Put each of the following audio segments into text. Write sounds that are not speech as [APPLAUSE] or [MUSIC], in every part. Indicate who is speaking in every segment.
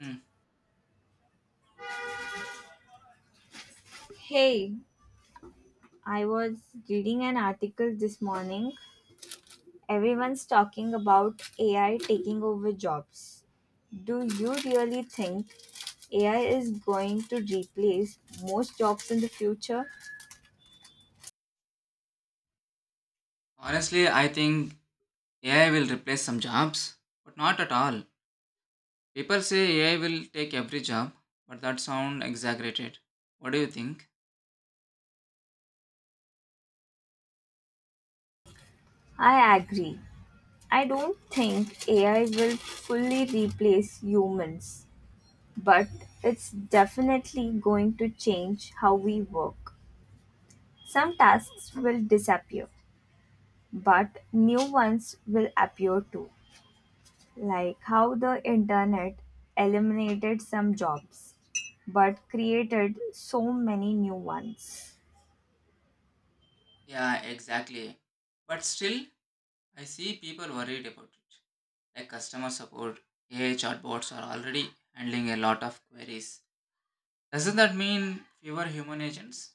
Speaker 1: Hmm.
Speaker 2: Hey, I was reading an article this morning. Everyone's talking about AI taking over jobs. Do you really think AI is going to replace most jobs in the future?
Speaker 1: Honestly, I think AI will replace some jobs, but not at all. People say AI will take every job, but that sounds exaggerated. What do you think?
Speaker 2: I agree. I don't think AI will fully replace humans, but it's definitely going to change how we work. Some tasks will disappear, but new ones will appear too. Like how the internet eliminated some jobs but created so many new ones.
Speaker 1: Yeah, exactly. But still, I see people worried about it. Like customer support, AI chatbots are already handling a lot of queries. Doesn't that mean fewer human agents?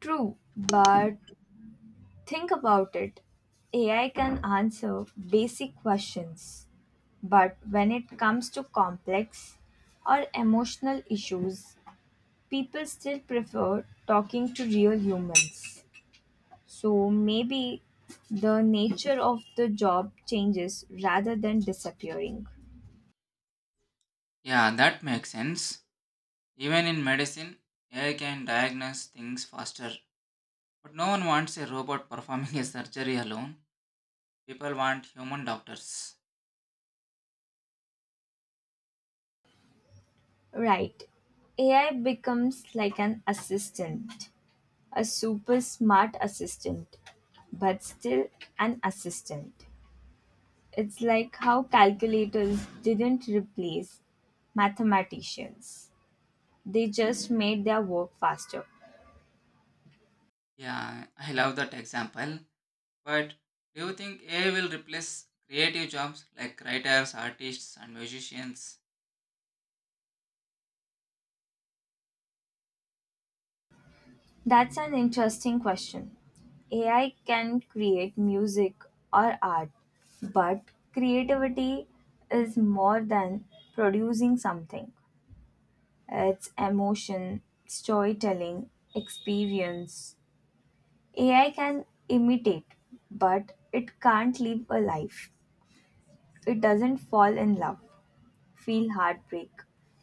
Speaker 2: True, but think about it. AI can answer basic questions, but when it comes to complex or emotional issues, people still prefer talking to real humans. So maybe the nature of the job changes rather than disappearing.
Speaker 1: Yeah, that makes sense. Even in medicine, AI can diagnose things faster. But no one wants a robot performing a surgery alone. People want human doctors.
Speaker 2: Right. AI becomes like an assistant, a super smart assistant, but still an assistant. It's like how calculators didn't replace mathematicians, they just made their work faster.
Speaker 1: Yeah, I love that example. But do you think AI will replace creative jobs like writers, artists, and musicians?
Speaker 2: That's an interesting question. AI can create music or art, but creativity is more than producing something. Its emotion, storytelling, experience. AI can imitate, but it can't live a life. It doesn't fall in love, feel heartbreak,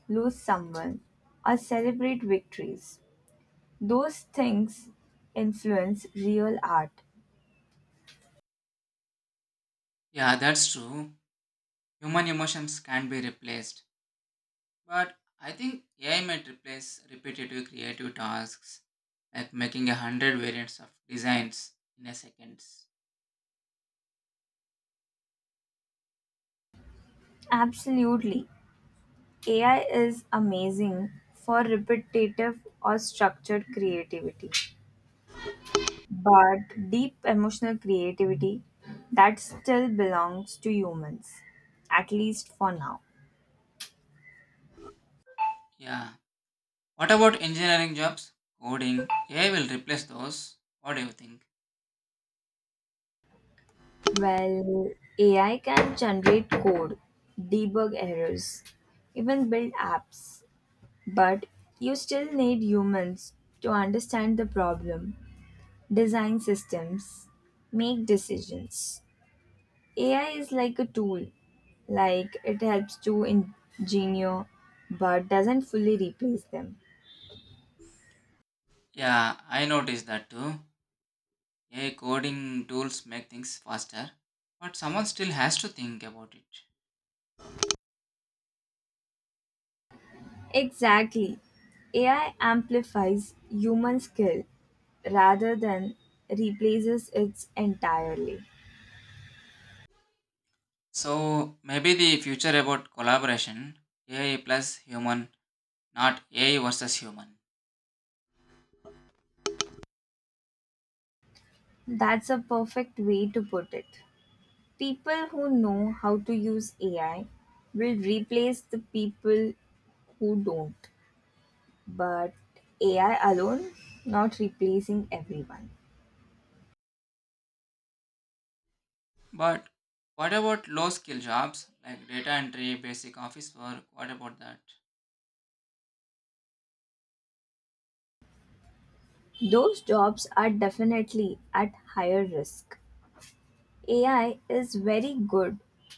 Speaker 2: lose someone, or celebrate victories. Those things influence real art.
Speaker 1: Yeah, that's true. Human emotions can be replaced. But I think AI might replace repetitive creative tasks like making a 100 variants of designs in a seconds.
Speaker 2: Absolutely. AI is amazing for repetitive or structured creativity. But deep emotional creativity, that still belongs to humans, at least for now.
Speaker 1: Yeah. What about engineering jobs? Coding. AI will replace those. What do you think?
Speaker 2: Well, AI can generate code, debug errors, even build apps, but you still need humans to understand the problem, design systems, make decisions. AI is like a tool, like it helps to engineer but doesn't fully replace them.
Speaker 1: Yeah, I noticed that too. Yeah, coding tools make things faster, but someone still has to think about it.
Speaker 2: Exactly. AI amplifies human skill rather than replaces it entirely.
Speaker 1: So maybe the future about collaboration, AI plus human, not AI versus human.
Speaker 2: That's a perfect way to put it. People who know how to use AI will replace the people who don't. But AI alone, not replacing everyone.
Speaker 1: But what about low skill jobs like data entry, basic office work? What about that?
Speaker 2: Those jobs are definitely at higher risk. AI is very good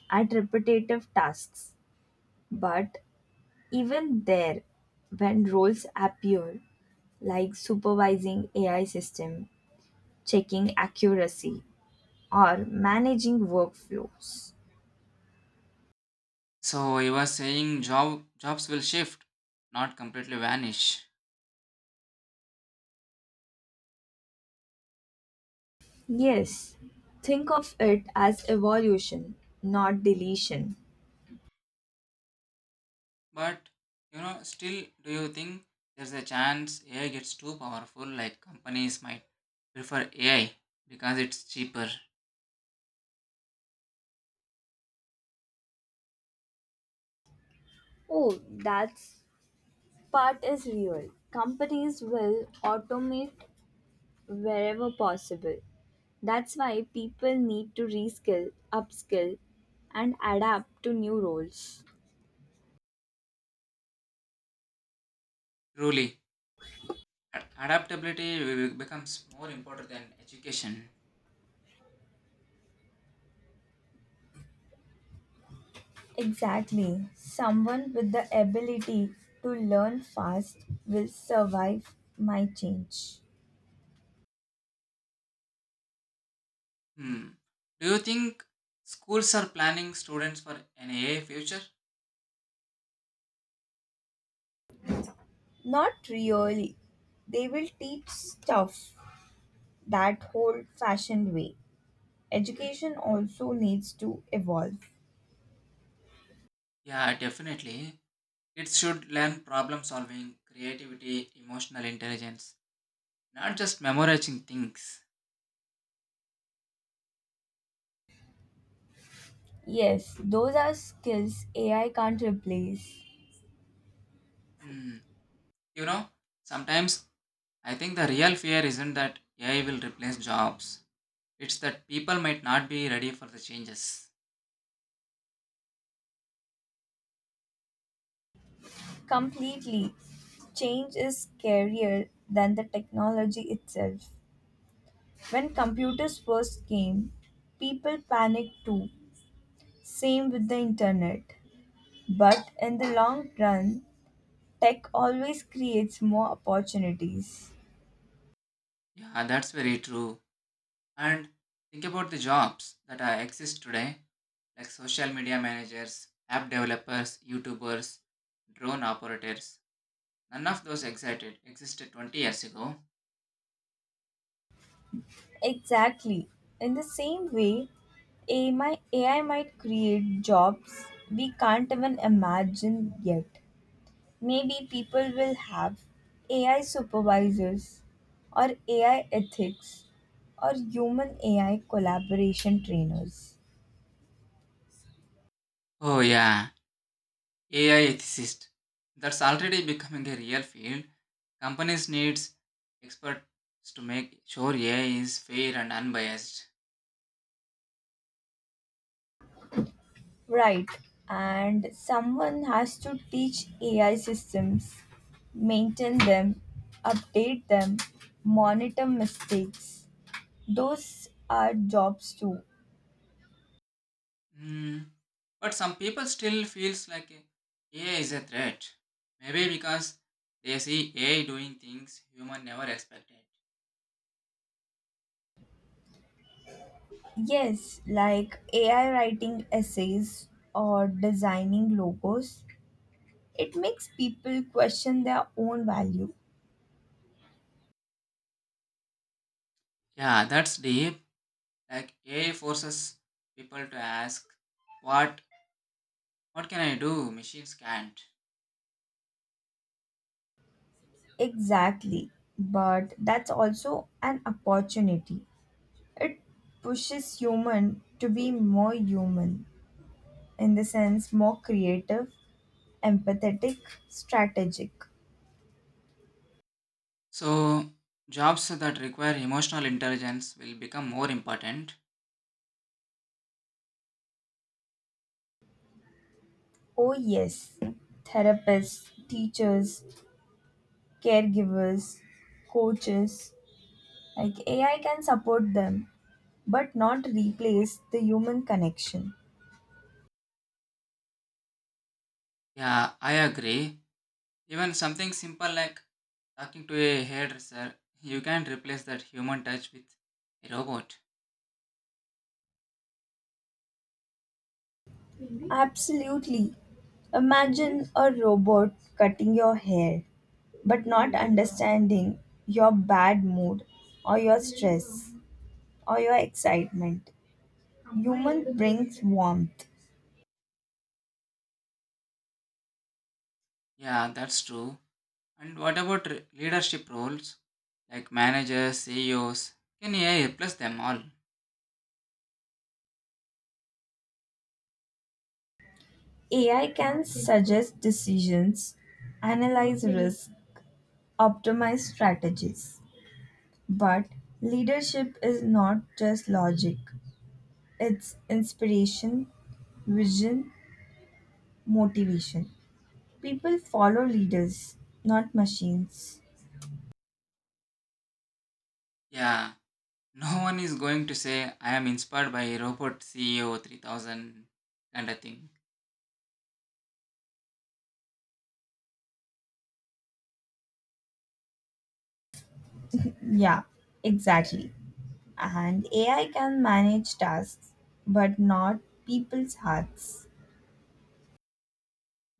Speaker 2: at repetitive tasks, but even there, when roles appear like supervising AI system, checking accuracy, or managing workflows.
Speaker 1: So you were saying jobs will shift, not completely vanish.
Speaker 2: Yes, think of it as evolution, not deletion.
Speaker 1: But you know, still, do you think there's a chance AI gets too powerful, like companies might prefer AI because it's cheaper.
Speaker 2: Oh, that's part is real. Companies will automate wherever possible. That's why people need to reskill, upskill, and adapt to new roles.
Speaker 1: Truly, adaptability becomes more important than education.
Speaker 2: Exactly. Someone with the ability to learn fast will survive my change.
Speaker 1: Hmm. Do you think schools are planning students for an AI future?
Speaker 2: Not really. They will teach stuff that old fashioned way. Education also needs to evolve.
Speaker 1: Yeah, definitely. Kids should learn problem solving, creativity, emotional intelligence, not just memorizing things.
Speaker 2: Yes, those are skills AI can't replace
Speaker 1: Hmm. You know, sometimes I think the real fear isn't that AI will replace jobs. It's that people might not be ready for the changes.
Speaker 2: completely. Change is scarier than the technology itself. When computers first came, people panicked too. Same with the internet. But in the long run, tech always creates more opportunities.
Speaker 1: Yeah, that's very true. And think about the jobs that are exist today, like social media managers, app developers, YouTubers, drone operators. None of those excited existed 20 years ago.
Speaker 2: Exactly. In the same way, AI might create jobs we can't even imagine yet. Maybe people will have AI supervisors or AI ethics or human AI collaboration trainers.
Speaker 1: Oh yeah, AI ethicist. That's already becoming a real field. Companies needs experts to make sure AI is fair and unbiased.
Speaker 2: Right. And someone has to teach AI systems, maintain them, update them, monitor mistakes. Those are jobs too.
Speaker 1: Mm, but some people still feels like AI is a threat. Maybe because they see AI doing things human never expected.
Speaker 2: Yes, like AI writing essays or designing logos. It makes people question their own value.
Speaker 1: Yeah, that's deep. Like AI forces people to ask, what can I do? Machines can't.
Speaker 2: Exactly. But that's also an opportunity. It pushes human to be more human. In the sense more creative, empathetic, strategic.
Speaker 1: So jobs that require emotional intelligence will become more important.
Speaker 2: Oh, yes, therapists, teachers, caregivers, coaches, like AI can support them but not replace the human connection.
Speaker 1: Yeah, I agree. Even something simple like talking to a hairdresser, you can't replace that human touch with a robot.
Speaker 2: Absolutely. Imagine a robot cutting your hair but not understanding your bad mood or your stress or your excitement. Human brings warmth.
Speaker 1: Yeah, that's true. And what about leadership roles like managers, CEOs? Can AI replace them all?
Speaker 2: AI can suggest decisions, analyze risks, optimize strategies. But leadership is not just logic, it's inspiration, vision, motivation. People follow leaders, not machines.
Speaker 1: Yeah, [LAUGHS] no one is going to say I am inspired by robot CEO 3000 kind of thing.
Speaker 2: Yeah, exactly. And AI can manage tasks, but not people's hearts.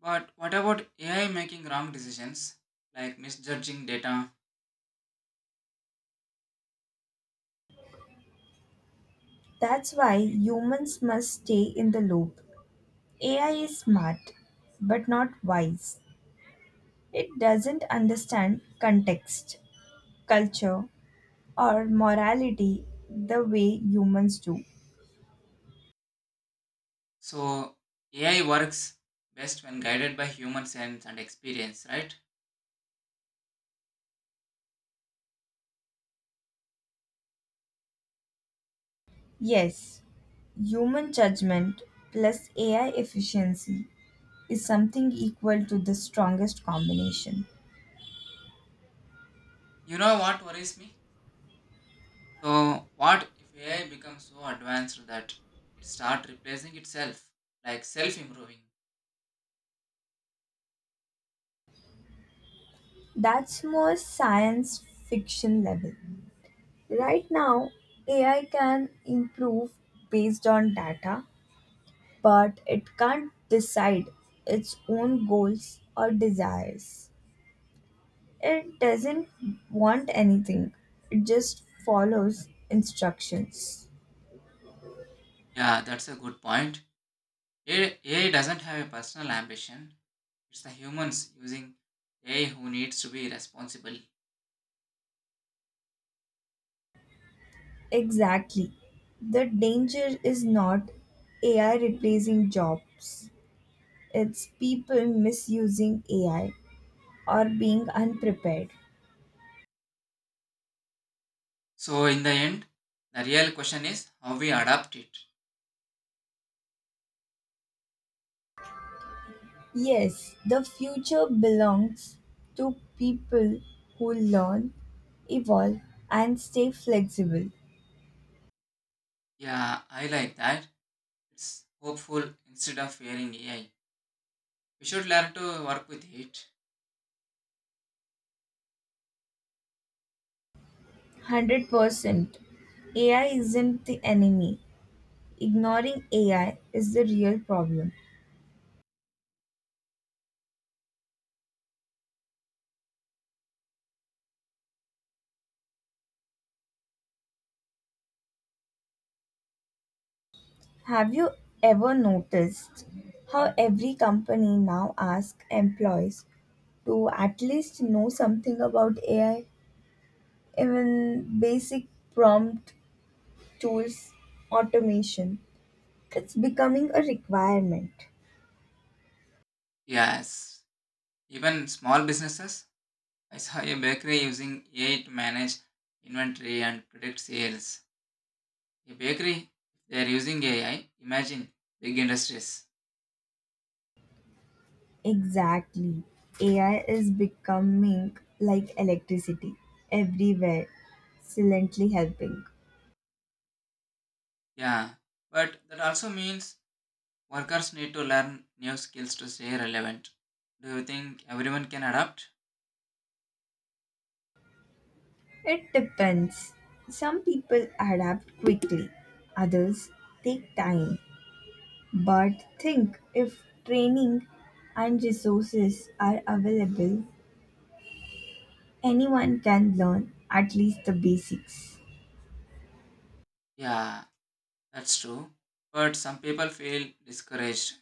Speaker 1: But what about AI making wrong decisions like misjudging data?
Speaker 2: That's why humans must stay in the loop. AI is smart, but not wise. It doesn't understand context, culture, or morality the way humans do.
Speaker 1: So AI works best when guided by human sense and experience, right?
Speaker 2: Yes, human judgment plus AI efficiency is something equal to the strongest combination.
Speaker 1: You know what worries me? So, what if AI becomes so advanced that it starts replacing itself, like self improving?
Speaker 2: That's more science fiction level. Right now, AI can improve based on data, but it can't decide its own goals or desires. It doesn't want anything, it just follows instructions.
Speaker 1: Yeah, that's a good point. AI doesn't have a personal ambition, it's the humans using AI who needs to be responsible.
Speaker 2: Exactly. The danger is not AI replacing jobs, it's people misusing AI or being unprepared.
Speaker 1: So, in the end, the real question is how we adapt it.
Speaker 2: Yes, the future belongs to people who learn, evolve, and stay flexible.
Speaker 1: Yeah, I like that. It's hopeful instead of fearing AI. We should learn to work with it.
Speaker 2: 100%. AI isn't the enemy. Ignoring AI is the real problem. Have you ever noticed how every company now asks employees to at least know something about AI? Even basic prompt tools, automation. It's becoming a requirement.
Speaker 1: Yes, even small businesses I saw a bakery using AI to manage inventory and predict sales. A bakery, if they are using AI, imagine big industries.
Speaker 2: Exactly. AI is becoming like electricity, everywhere, silently helping.
Speaker 1: Yeah, but that also means workers need to learn new skills to stay relevant. Do you think everyone can adapt?
Speaker 2: It depends. Some people adapt quickly, others take time. But think if training and resources are available, anyone can learn at least the basics.
Speaker 1: Yeah, that's true. But some people feel discouraged.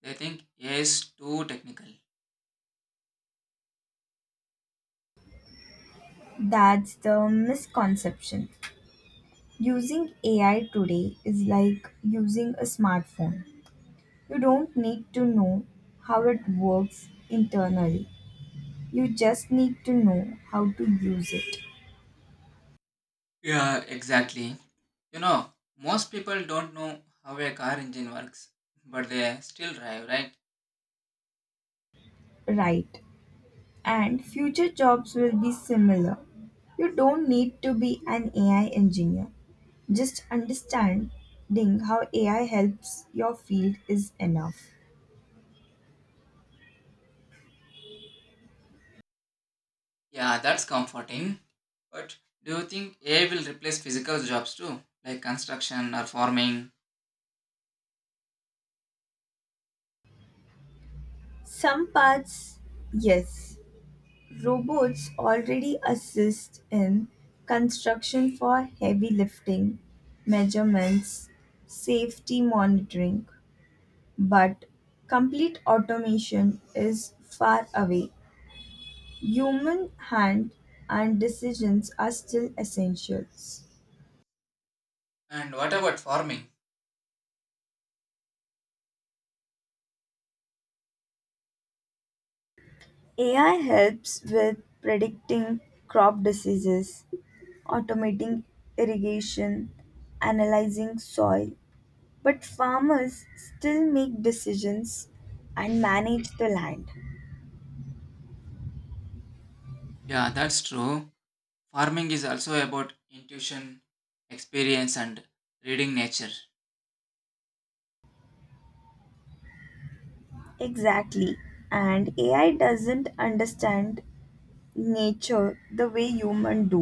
Speaker 1: They think AI is too technical.
Speaker 2: That's the misconception. Using AI today is like using a smartphone. You don't need to know how it works internally, you just need to know how to use it
Speaker 1: Yeah, exactly. You know, most people don't know how a car engine works, but they still drive, right?
Speaker 2: right. And future jobs will be similar. You don't need to be an AI engineer. Just understanding how AI helps your field is enough.
Speaker 1: Yeah, that's comforting. But do you think AI will replace physical jobs too, like construction or farming?
Speaker 2: Some parts, yes, robots already assist in construction for heavy lifting, measurements, safety monitoring, but complete automation is far away. Human hand and decisions are still essentials.
Speaker 1: And what about farming?
Speaker 2: AI helps with predicting crop diseases, automating irrigation, analyzing soil, but farmers still make decisions and manage the land.
Speaker 1: Yeah, that's true. Farming is also about intuition, experience, and reading nature.
Speaker 2: Exactly. And AI doesn't understand nature the way humans do.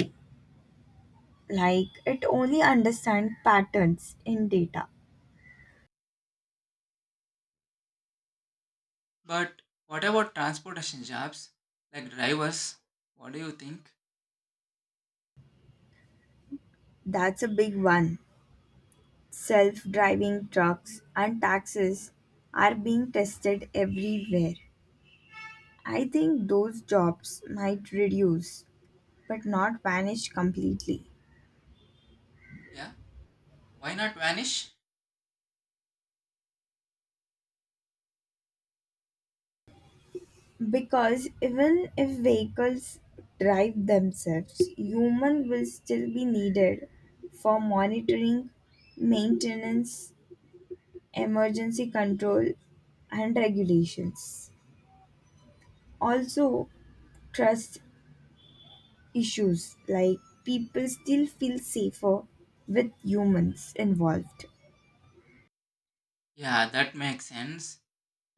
Speaker 2: Like it only understands patterns in data.
Speaker 1: But what about transportation jobs, like drivers? What do you think?
Speaker 2: That's a big one. Self-driving trucks and taxis are being tested everywhere. I think those jobs might reduce but not vanish completely.
Speaker 1: Yeah, why not vanish?
Speaker 2: Because even if vehicles drive themselves, human will still be needed for monitoring, maintenance, emergency control and regulations. Also, trust issues, like people still feel safer with humans involved,
Speaker 1: Yeah, that makes sense.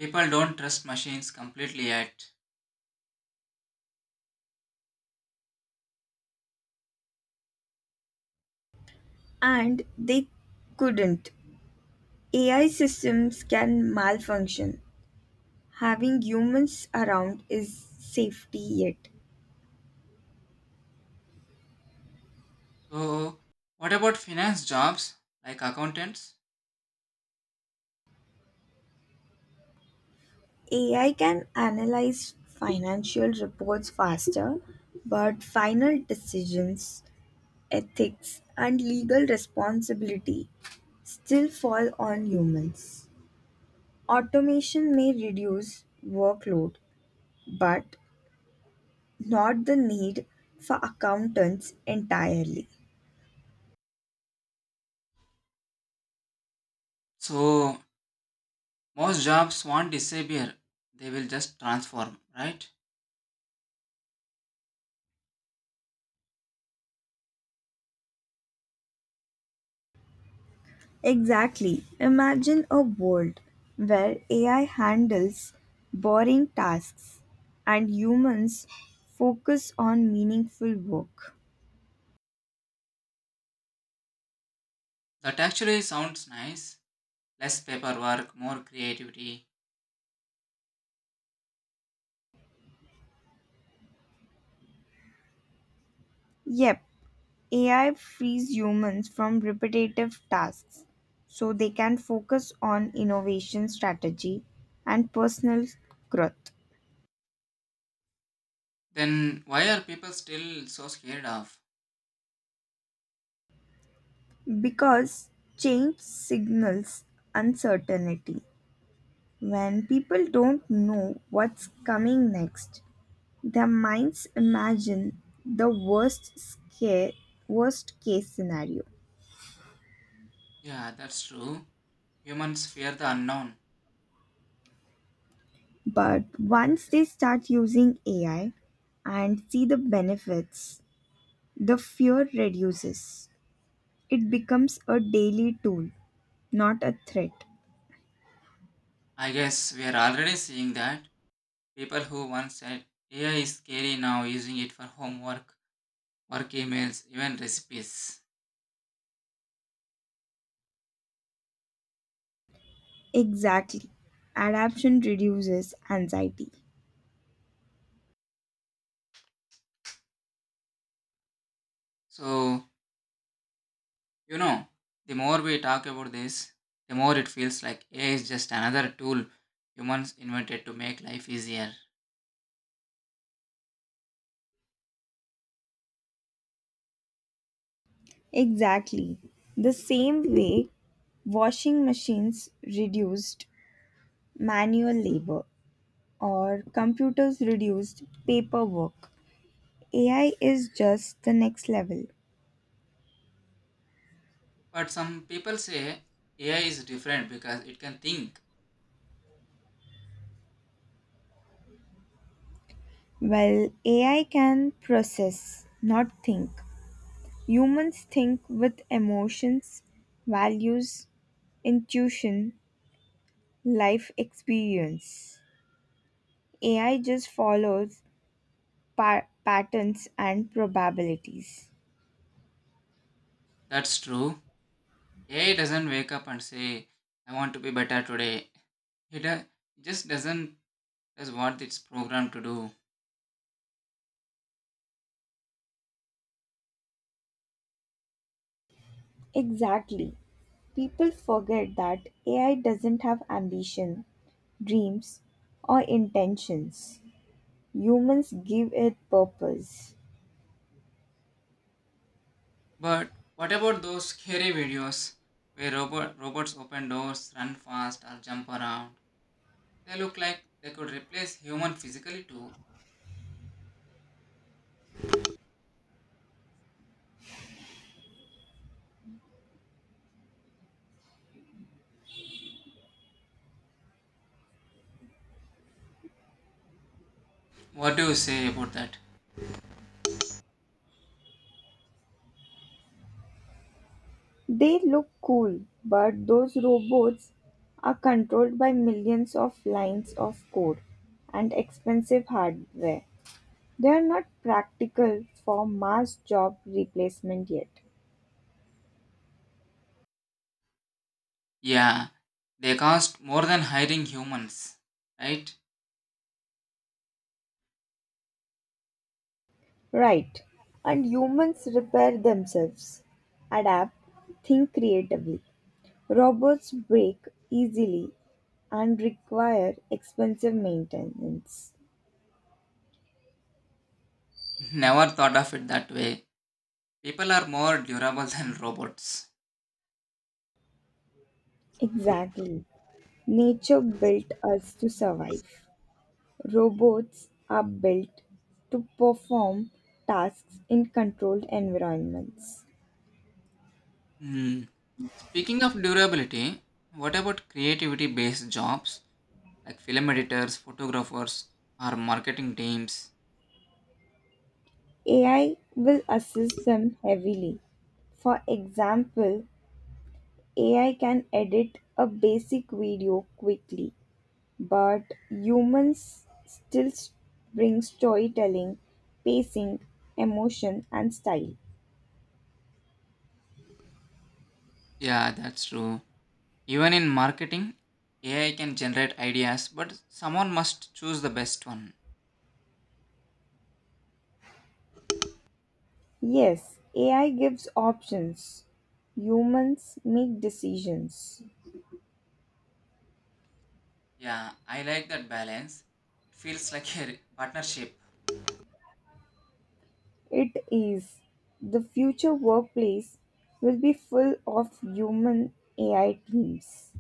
Speaker 1: People don't trust machines completely yet.
Speaker 2: and they couldn't. AI systems can malfunction, having humans around is safety yet.
Speaker 1: So, what about finance jobs, like accountants?
Speaker 2: AI can analyze financial reports faster, but final decisions, ethics and legal responsibility still fall on humans. Automation may reduce workload but not the need for accountants entirely.
Speaker 1: So, most jobs won't disappear, they will just transform, right?
Speaker 2: Exactly. Imagine a world where AI handles boring tasks and humans focus on meaningful work.
Speaker 1: That actually sounds nice. Less paperwork, more creativity.
Speaker 2: Yep, AI frees humans from repetitive tasks so they can focus on innovation strategy and personal growth,
Speaker 1: Then why are people still so scared of?
Speaker 2: because change signals uncertainty. When people don't know what's coming next, their minds imagine the worst case scenario.
Speaker 1: Yeah, that's true. Humans fear the unknown.
Speaker 2: But once they start using AI and see the benefits, the fear reduces. It becomes a daily tool, not a threat.
Speaker 1: I guess we are already seeing that. People who once said AI is scary now using it for homework, work emails, even recipes.
Speaker 2: Exactly. Adaption reduces anxiety.
Speaker 1: So, you know, the more we talk about this, the more it feels like AI is just another tool humans invented to make life easier.
Speaker 2: Exactly. The same way washing machines reduced manual labor, or computers reduced paperwork. AI is just the next level.
Speaker 1: But some people say AI is different because it can think.
Speaker 2: Well, AI can process, not think. Humans think with emotions, values, intuition, life experience. AI just follows patterns and probabilities.
Speaker 1: That's true. AI doesn't wake up and say, I want to be better today. It just doesn't does what it's programmed to do.
Speaker 2: Exactly. People forget that AI doesn't have ambition, dreams, or intentions. Humans give it purpose.
Speaker 1: But what about those scary videos where robots open doors, run fast, or jump around? They look like they could replace human physically too. What do you say about that?
Speaker 2: They look cool, but those robots are controlled by millions of lines of code and expensive hardware. They are not practical for mass job replacement yet.
Speaker 1: Yeah, they cost more than hiring humans, right?
Speaker 2: Right. And humans repair themselves, adapt, think creatively. Robots break easily and require expensive maintenance.
Speaker 1: [LAUGHS] Never thought of it that way. People are more durable [LAUGHS] than robots.
Speaker 2: Exactly. Nature built us to survive. Robots are built to perform tasks in controlled environments.
Speaker 1: Hmm. Speaking of durability, what about creativity based jobs like film editors, photographers, or marketing teams?
Speaker 2: AI will assist them heavily. For example, AI can edit a basic video quickly, but humans bring storytelling, pacing, emotion, and style.
Speaker 1: Yeah, that's true. Even in marketing, AI can generate ideas, but someone must choose the best one.
Speaker 2: Yes, AI gives options. Humans make decisions.
Speaker 1: Yeah, I like that balance. It feels like a partnership.
Speaker 2: It is the future workplace will be full of human AI teams.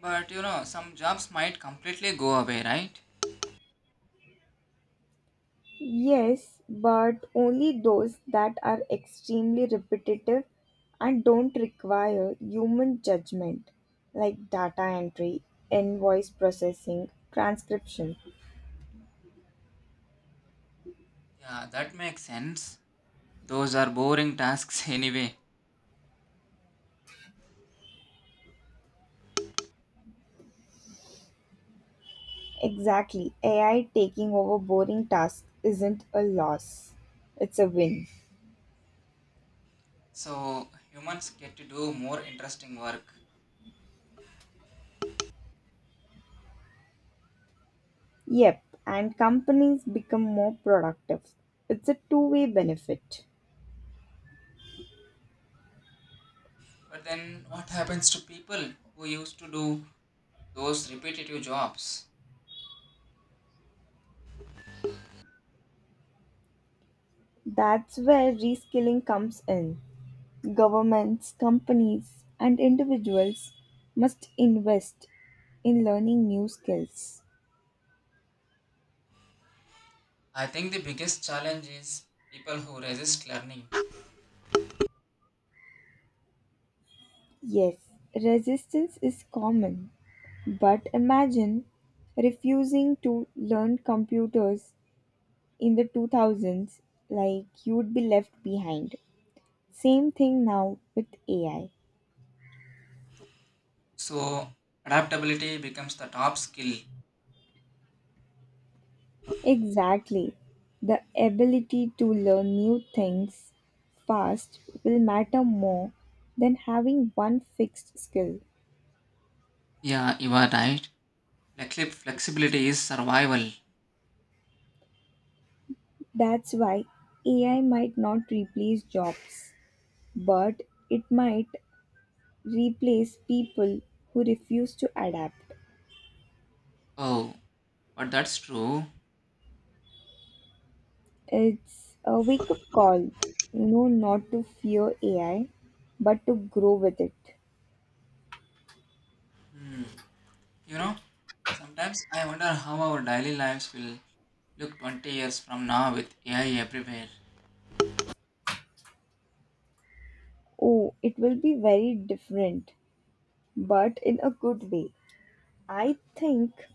Speaker 1: But you know, some jobs might completely go away, right?
Speaker 2: Yes, but only those that are extremely repetitive and don't require human judgment, like data entry, invoice processing, transcription.
Speaker 1: Yeah, that makes sense. Those are boring tasks [LAUGHS] anyway.
Speaker 2: Exactly. AI taking over boring tasks isn't a loss, it's a win.
Speaker 1: So humans get to do more interesting work.
Speaker 2: Yep, and companies become more productive. It's a two-way benefit.
Speaker 1: But then what happens to people who used to do those repetitive jobs?
Speaker 2: That's where reskilling comes in. Governments, companies, and individuals must invest in learning new skills.
Speaker 1: I think the biggest challenge is people who resist learning.
Speaker 2: Yes, resistance is common, but imagine refusing to learn computers in the 2000s, like you would be left behind. Same thing now with AI.
Speaker 1: So adaptability becomes the top skill.
Speaker 2: Exactly. The ability to learn new things fast will matter more than having one fixed skill.
Speaker 1: Yeah, you are right. Flexibility is survival.
Speaker 2: That's why AI might not replace jobs, but it might replace people who refuse to adapt.
Speaker 1: Oh, but that's true.
Speaker 2: It's a wake up call. No, not to fear AI, but to grow with it.
Speaker 1: Hmm. You know, sometimes I wonder how our daily lives will look 20 years from now with AI everywhere.
Speaker 2: Oh, it will be very different, but in a good way. I think,